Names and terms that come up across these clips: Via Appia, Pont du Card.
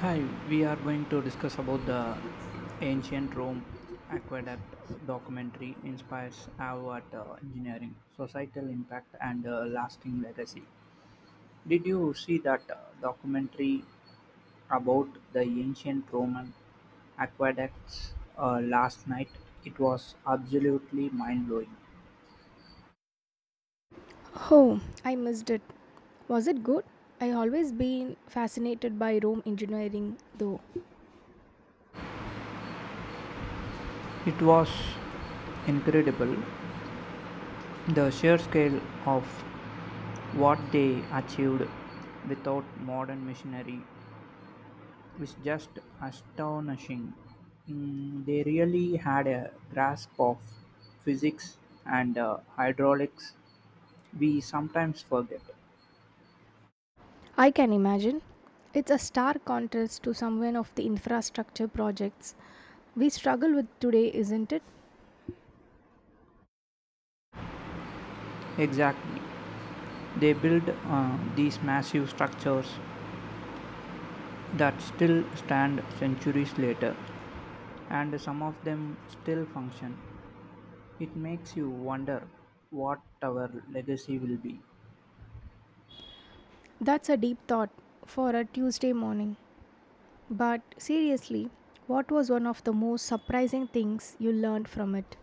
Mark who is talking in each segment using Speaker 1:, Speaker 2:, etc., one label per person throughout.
Speaker 1: Hi, we are going to discuss about the ancient Rome aqueduct documentary inspires Harvard engineering, societal impact, and lasting legacy. Did you see that documentary about the ancient Roman aqueducts last night? It was absolutely mind blowing.
Speaker 2: Oh, I missed it. Was it good? I always been fascinated by Rome engineering though.
Speaker 1: It was incredible. The sheer scale of what they achieved without modern machinery is just astonishing. They really had a grasp of physics and hydraulics we sometimes forget.
Speaker 2: I can imagine. It's a stark contrast to some of the infrastructure projects we struggle with today, isn't it?
Speaker 1: Exactly. They built these massive structures that still stand centuries later, and some of them still function. It makes you wonder what our legacy will be.
Speaker 2: That's a deep thought for a Tuesday morning. But seriously, what was one of the most surprising things you learned from it?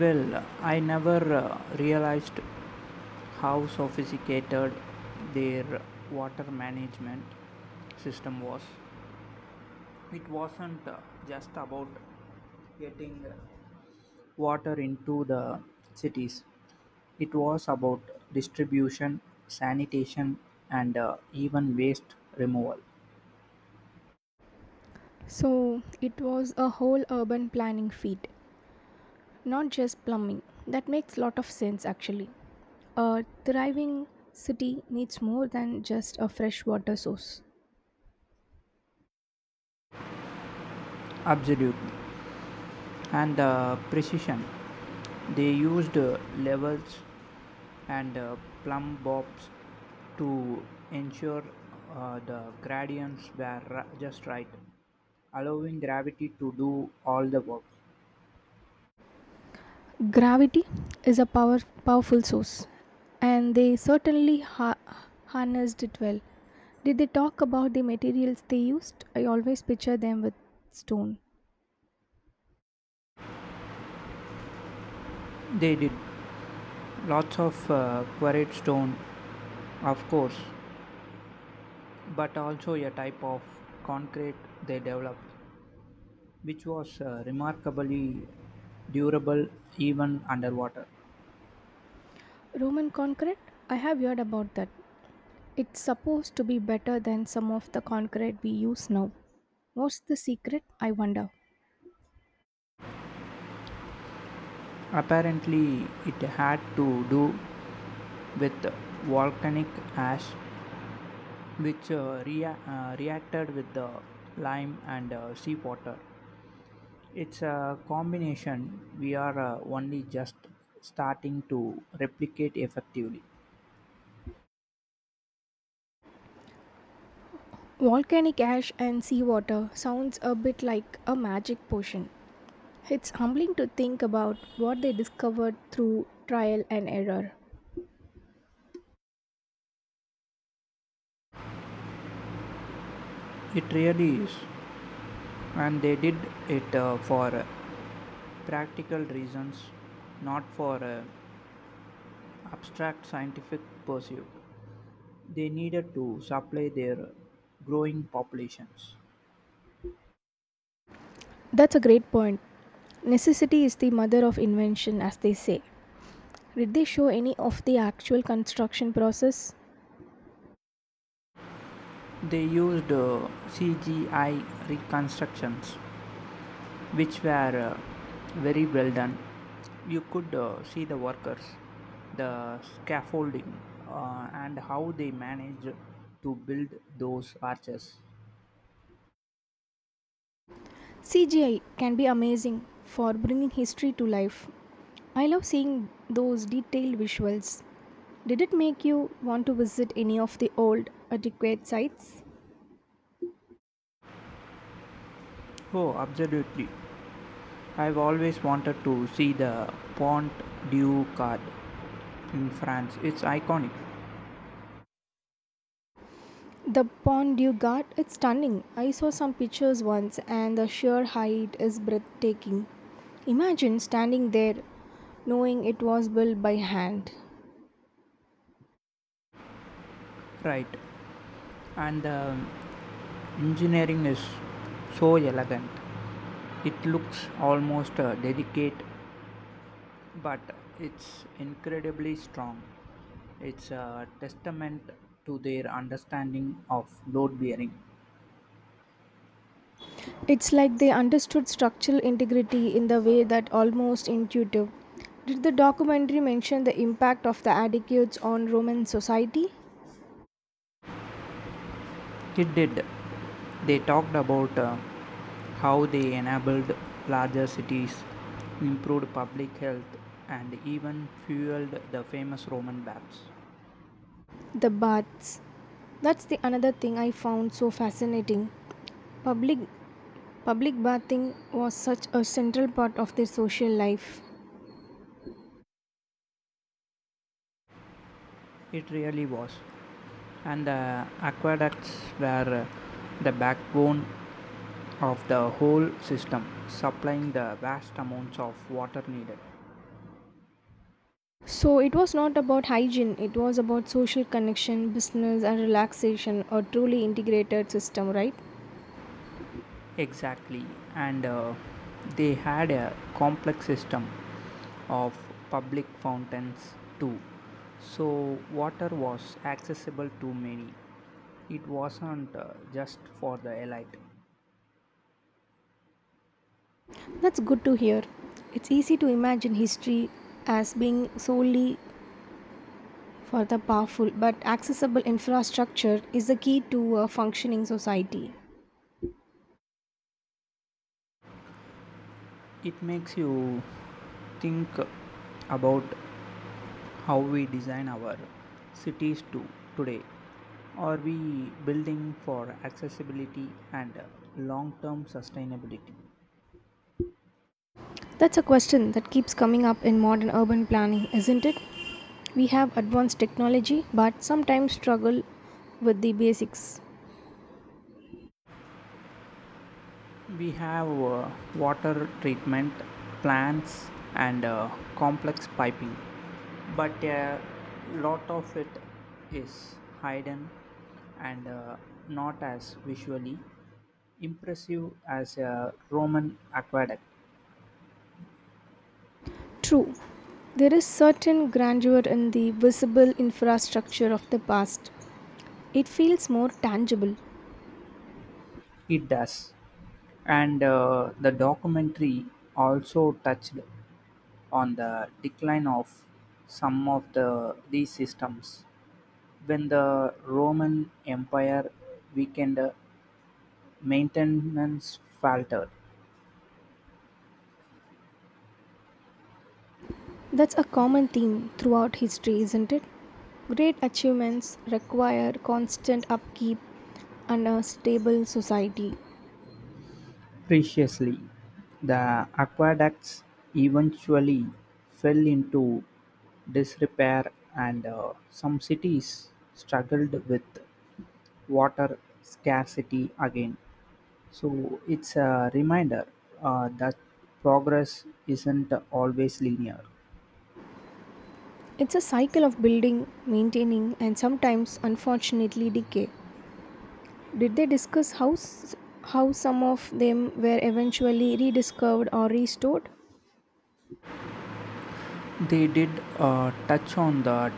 Speaker 1: Well, I never realized how sophisticated their water management system was. It wasn't just about getting water into the cities, it was about distribution, sanitation, and even waste removal.
Speaker 2: So, it was a whole urban planning feat, not just plumbing. That makes lot of sense actually. A thriving city needs more than just a fresh water source.
Speaker 1: Absolutely, and the precision. They used levels and plumb bobs to ensure the gradients were just right, allowing gravity to do all the work.
Speaker 2: Gravity is a power, powerful source, and they certainly harnessed it well. Did they talk about the materials they used? I always picture them with stone.
Speaker 1: They did lots of quarried stone, of course, but also a type of concrete they developed, which was remarkably durable even underwater.
Speaker 2: Roman concrete? I have heard about that. It's supposed to be better than some of the concrete we use now. What's the secret, I wonder?
Speaker 1: Apparently, it had to do with volcanic ash, which reacted with the lime and seawater. It's a combination we are only just starting to replicate effectively.
Speaker 2: Volcanic ash and seawater sounds a bit like a magic potion. It's humbling to think about what they discovered through trial and error.
Speaker 1: It really is. And they did it for practical reasons, not for abstract scientific pursuit. They needed to supply their growing populations.
Speaker 2: That's a great point. Necessity is the mother of invention, as they say. Did they show any of the actual construction process?
Speaker 1: They used CGI reconstructions, which were very well done. You could see the workers, the scaffolding, and how they managed to build those arches.
Speaker 2: CGI can be amazing for bringing history to life. I love seeing those detailed visuals. Did it make you want to visit any of the old, antiquated sites?
Speaker 1: Oh, absolutely. I've always wanted to see the Pont du Card in France. It's iconic,
Speaker 2: The pond you got, it's stunning. I saw some pictures once and the sheer height is breathtaking. Imagine standing there knowing it was built by hand.
Speaker 1: right? And the engineering is so elegant. It looks almost delicate, but it's incredibly strong. It's a testament to their understanding of load bearing.
Speaker 2: It's like they understood structural integrity in the way that almost intuitive. Did the documentary mention the impact of the aqueducts on Roman society?
Speaker 1: It did. They talked about how they enabled larger cities, improved public health, and even fueled the famous Roman baths.
Speaker 2: The baths. That's the another thing I found so fascinating. Public public bathing was such a central part of their social life.
Speaker 1: It really was. And the aqueducts were the backbone of the whole system, supplying the vast amounts of water needed.
Speaker 2: So it was not about hygiene, it was about social connection, business, and relaxation, a truly integrated system, right?
Speaker 1: Exactly, and they had a complex system of public fountains too, so water was accessible to many. It wasn't just for the elite.
Speaker 2: That's good to hear. It's easy to imagine history as being solely for the powerful, but accessible infrastructure is the key to a functioning society.
Speaker 1: It makes you think about how we design our cities to today. Are we building for accessibility and long-term sustainability?
Speaker 2: That's a question that keeps coming up in modern urban planning, isn't it? We have advanced technology, but sometimes struggle with the basics.
Speaker 1: We have water treatment plants and complex piping, but a lot of it is hidden and not as visually impressive as a Roman aqueduct.
Speaker 2: True, there is certain grandeur in the visible infrastructure of the past. It feels more tangible.
Speaker 1: It does, and the documentary also touched on the decline of some of the these systems. When the Roman Empire weakened, maintenance faltered.
Speaker 2: That's a common theme throughout history, isn't it? Great achievements require constant upkeep and a stable society.
Speaker 1: Preciously, the aqueducts eventually fell into disrepair, and some cities struggled with water scarcity again. So it's a reminder that progress isn't always linear.
Speaker 2: It's a cycle of building, maintaining, and sometimes, unfortunately, decay. Did they discuss how some of them were eventually rediscovered or restored?
Speaker 1: They did touch on that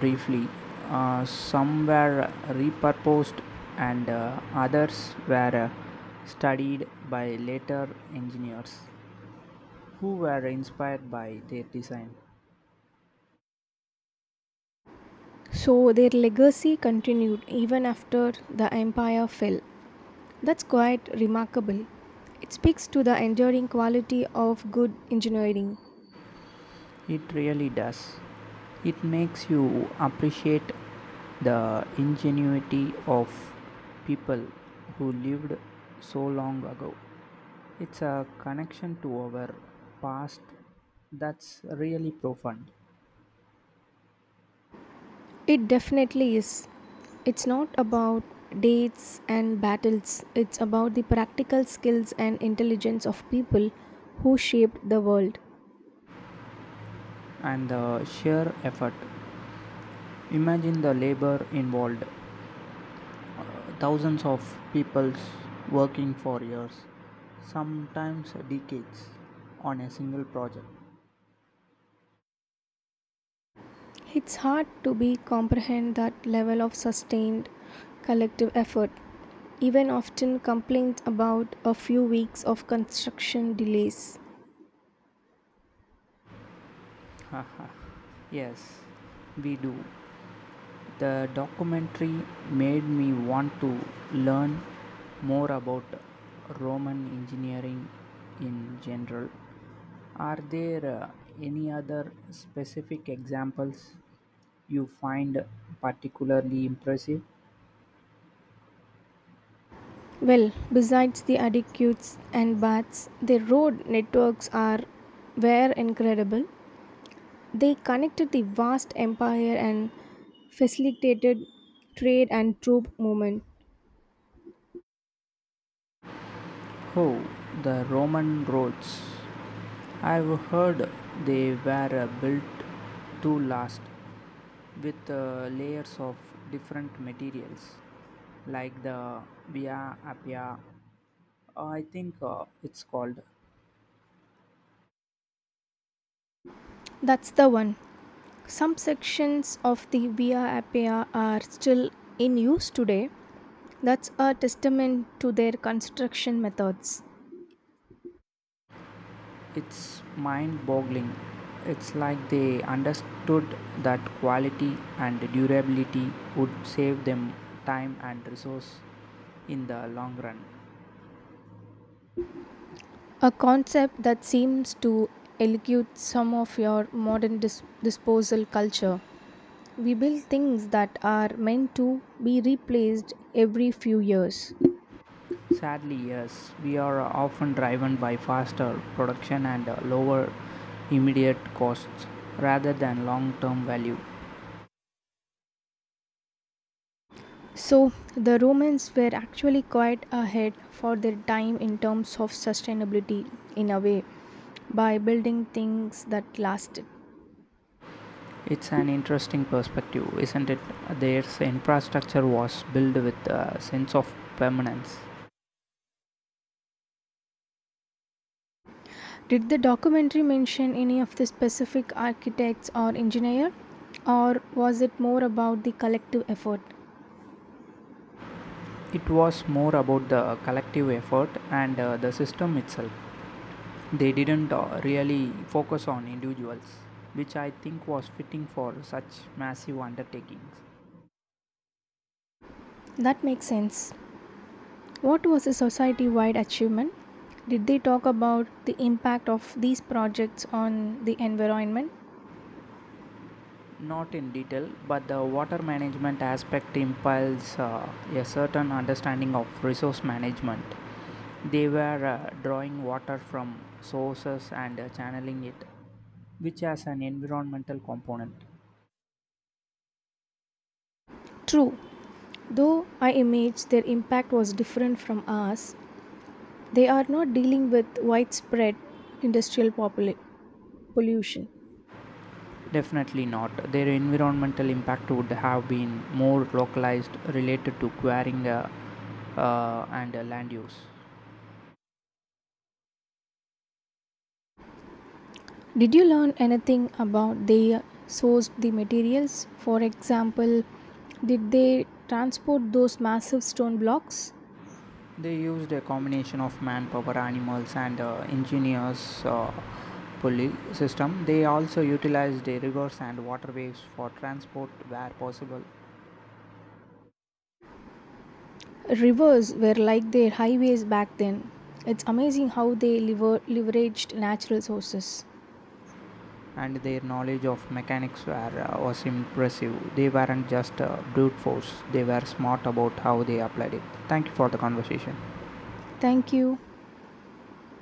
Speaker 1: briefly. Some were repurposed, and others were studied by later engineers who were inspired by their design.
Speaker 2: So their legacy continued even after the empire fell. That's quite remarkable. It speaks to the enduring quality of good engineering.
Speaker 1: It really does. It makes you appreciate the ingenuity of people who lived so long ago. It's a connection to our past that's really profound,
Speaker 2: It definitely is. It's not about dates and battles, it's about the practical skills and intelligence of people who shaped the world.
Speaker 1: and the sheer effort. Imagine the labor involved, thousands of people working for years, sometimes decades, on a single project.
Speaker 2: It's hard to be comprehend that level of sustained collective effort. Even often complained about a few weeks of construction delays.
Speaker 1: Haha. Yes, we do. The documentary made me want to learn more about Roman engineering in general. Are there any other specific examples you find particularly impressive?
Speaker 2: Well, besides the adequates and baths, their road networks are were incredible. They connected the vast empire and facilitated trade and troop movement.
Speaker 1: Oh, the Roman roads. I've heard they were built to last with layers of different materials like the Via Appia, I think it's called.
Speaker 2: That's the one. Some sections of the Via Appia are still in use today. That's a testament to their construction methods.
Speaker 1: It's mind boggling. It's like they understood that quality and durability would save them time and resource in the long run.
Speaker 2: A concept that seems to elude some of your modern disposal culture. We build things that are meant to be replaced every few years.
Speaker 1: Sadly, yes, we are often driven by faster production and lower immediate costs rather than long term value.
Speaker 2: So, the Romans were actually quite ahead for their time in terms of sustainability, in a way, by building things that lasted.
Speaker 1: It's an interesting perspective, isn't it? Their infrastructure was built with a sense of permanence.
Speaker 2: Did the documentary mention any of the specific architects or engineer, or was it more about the collective effort?
Speaker 1: It was more about the collective effort and the system itself. They didn't really focus on individuals, which I think was fitting for such massive undertakings.
Speaker 2: That makes sense. What was the society wide achievement? Did they talk about the impact of these projects on the environment?
Speaker 1: Not in detail, but the water management aspect implies a certain understanding of resource management. They were drawing water from sources and channeling it, which has an environmental component.
Speaker 2: True, though I imagine their impact was different from ours, they are not dealing with widespread industrial pollution.
Speaker 1: Definitely not. Their environmental impact would have been more localized, related to quarrying and land use.
Speaker 2: Did you learn anything about they sourced the materials? For example, did they transport those massive stone blocks?
Speaker 1: They used a combination of manpower, animals, and ingenious pulley system. They also utilized rivers and waterways for transport where possible,
Speaker 2: Rivers were like their highways back then. It's amazing how they leveraged natural sources.
Speaker 1: and their knowledge of mechanics was impressive. They weren't just brute force; they were smart about how they applied it. Thank you for the conversation.
Speaker 2: Thank you.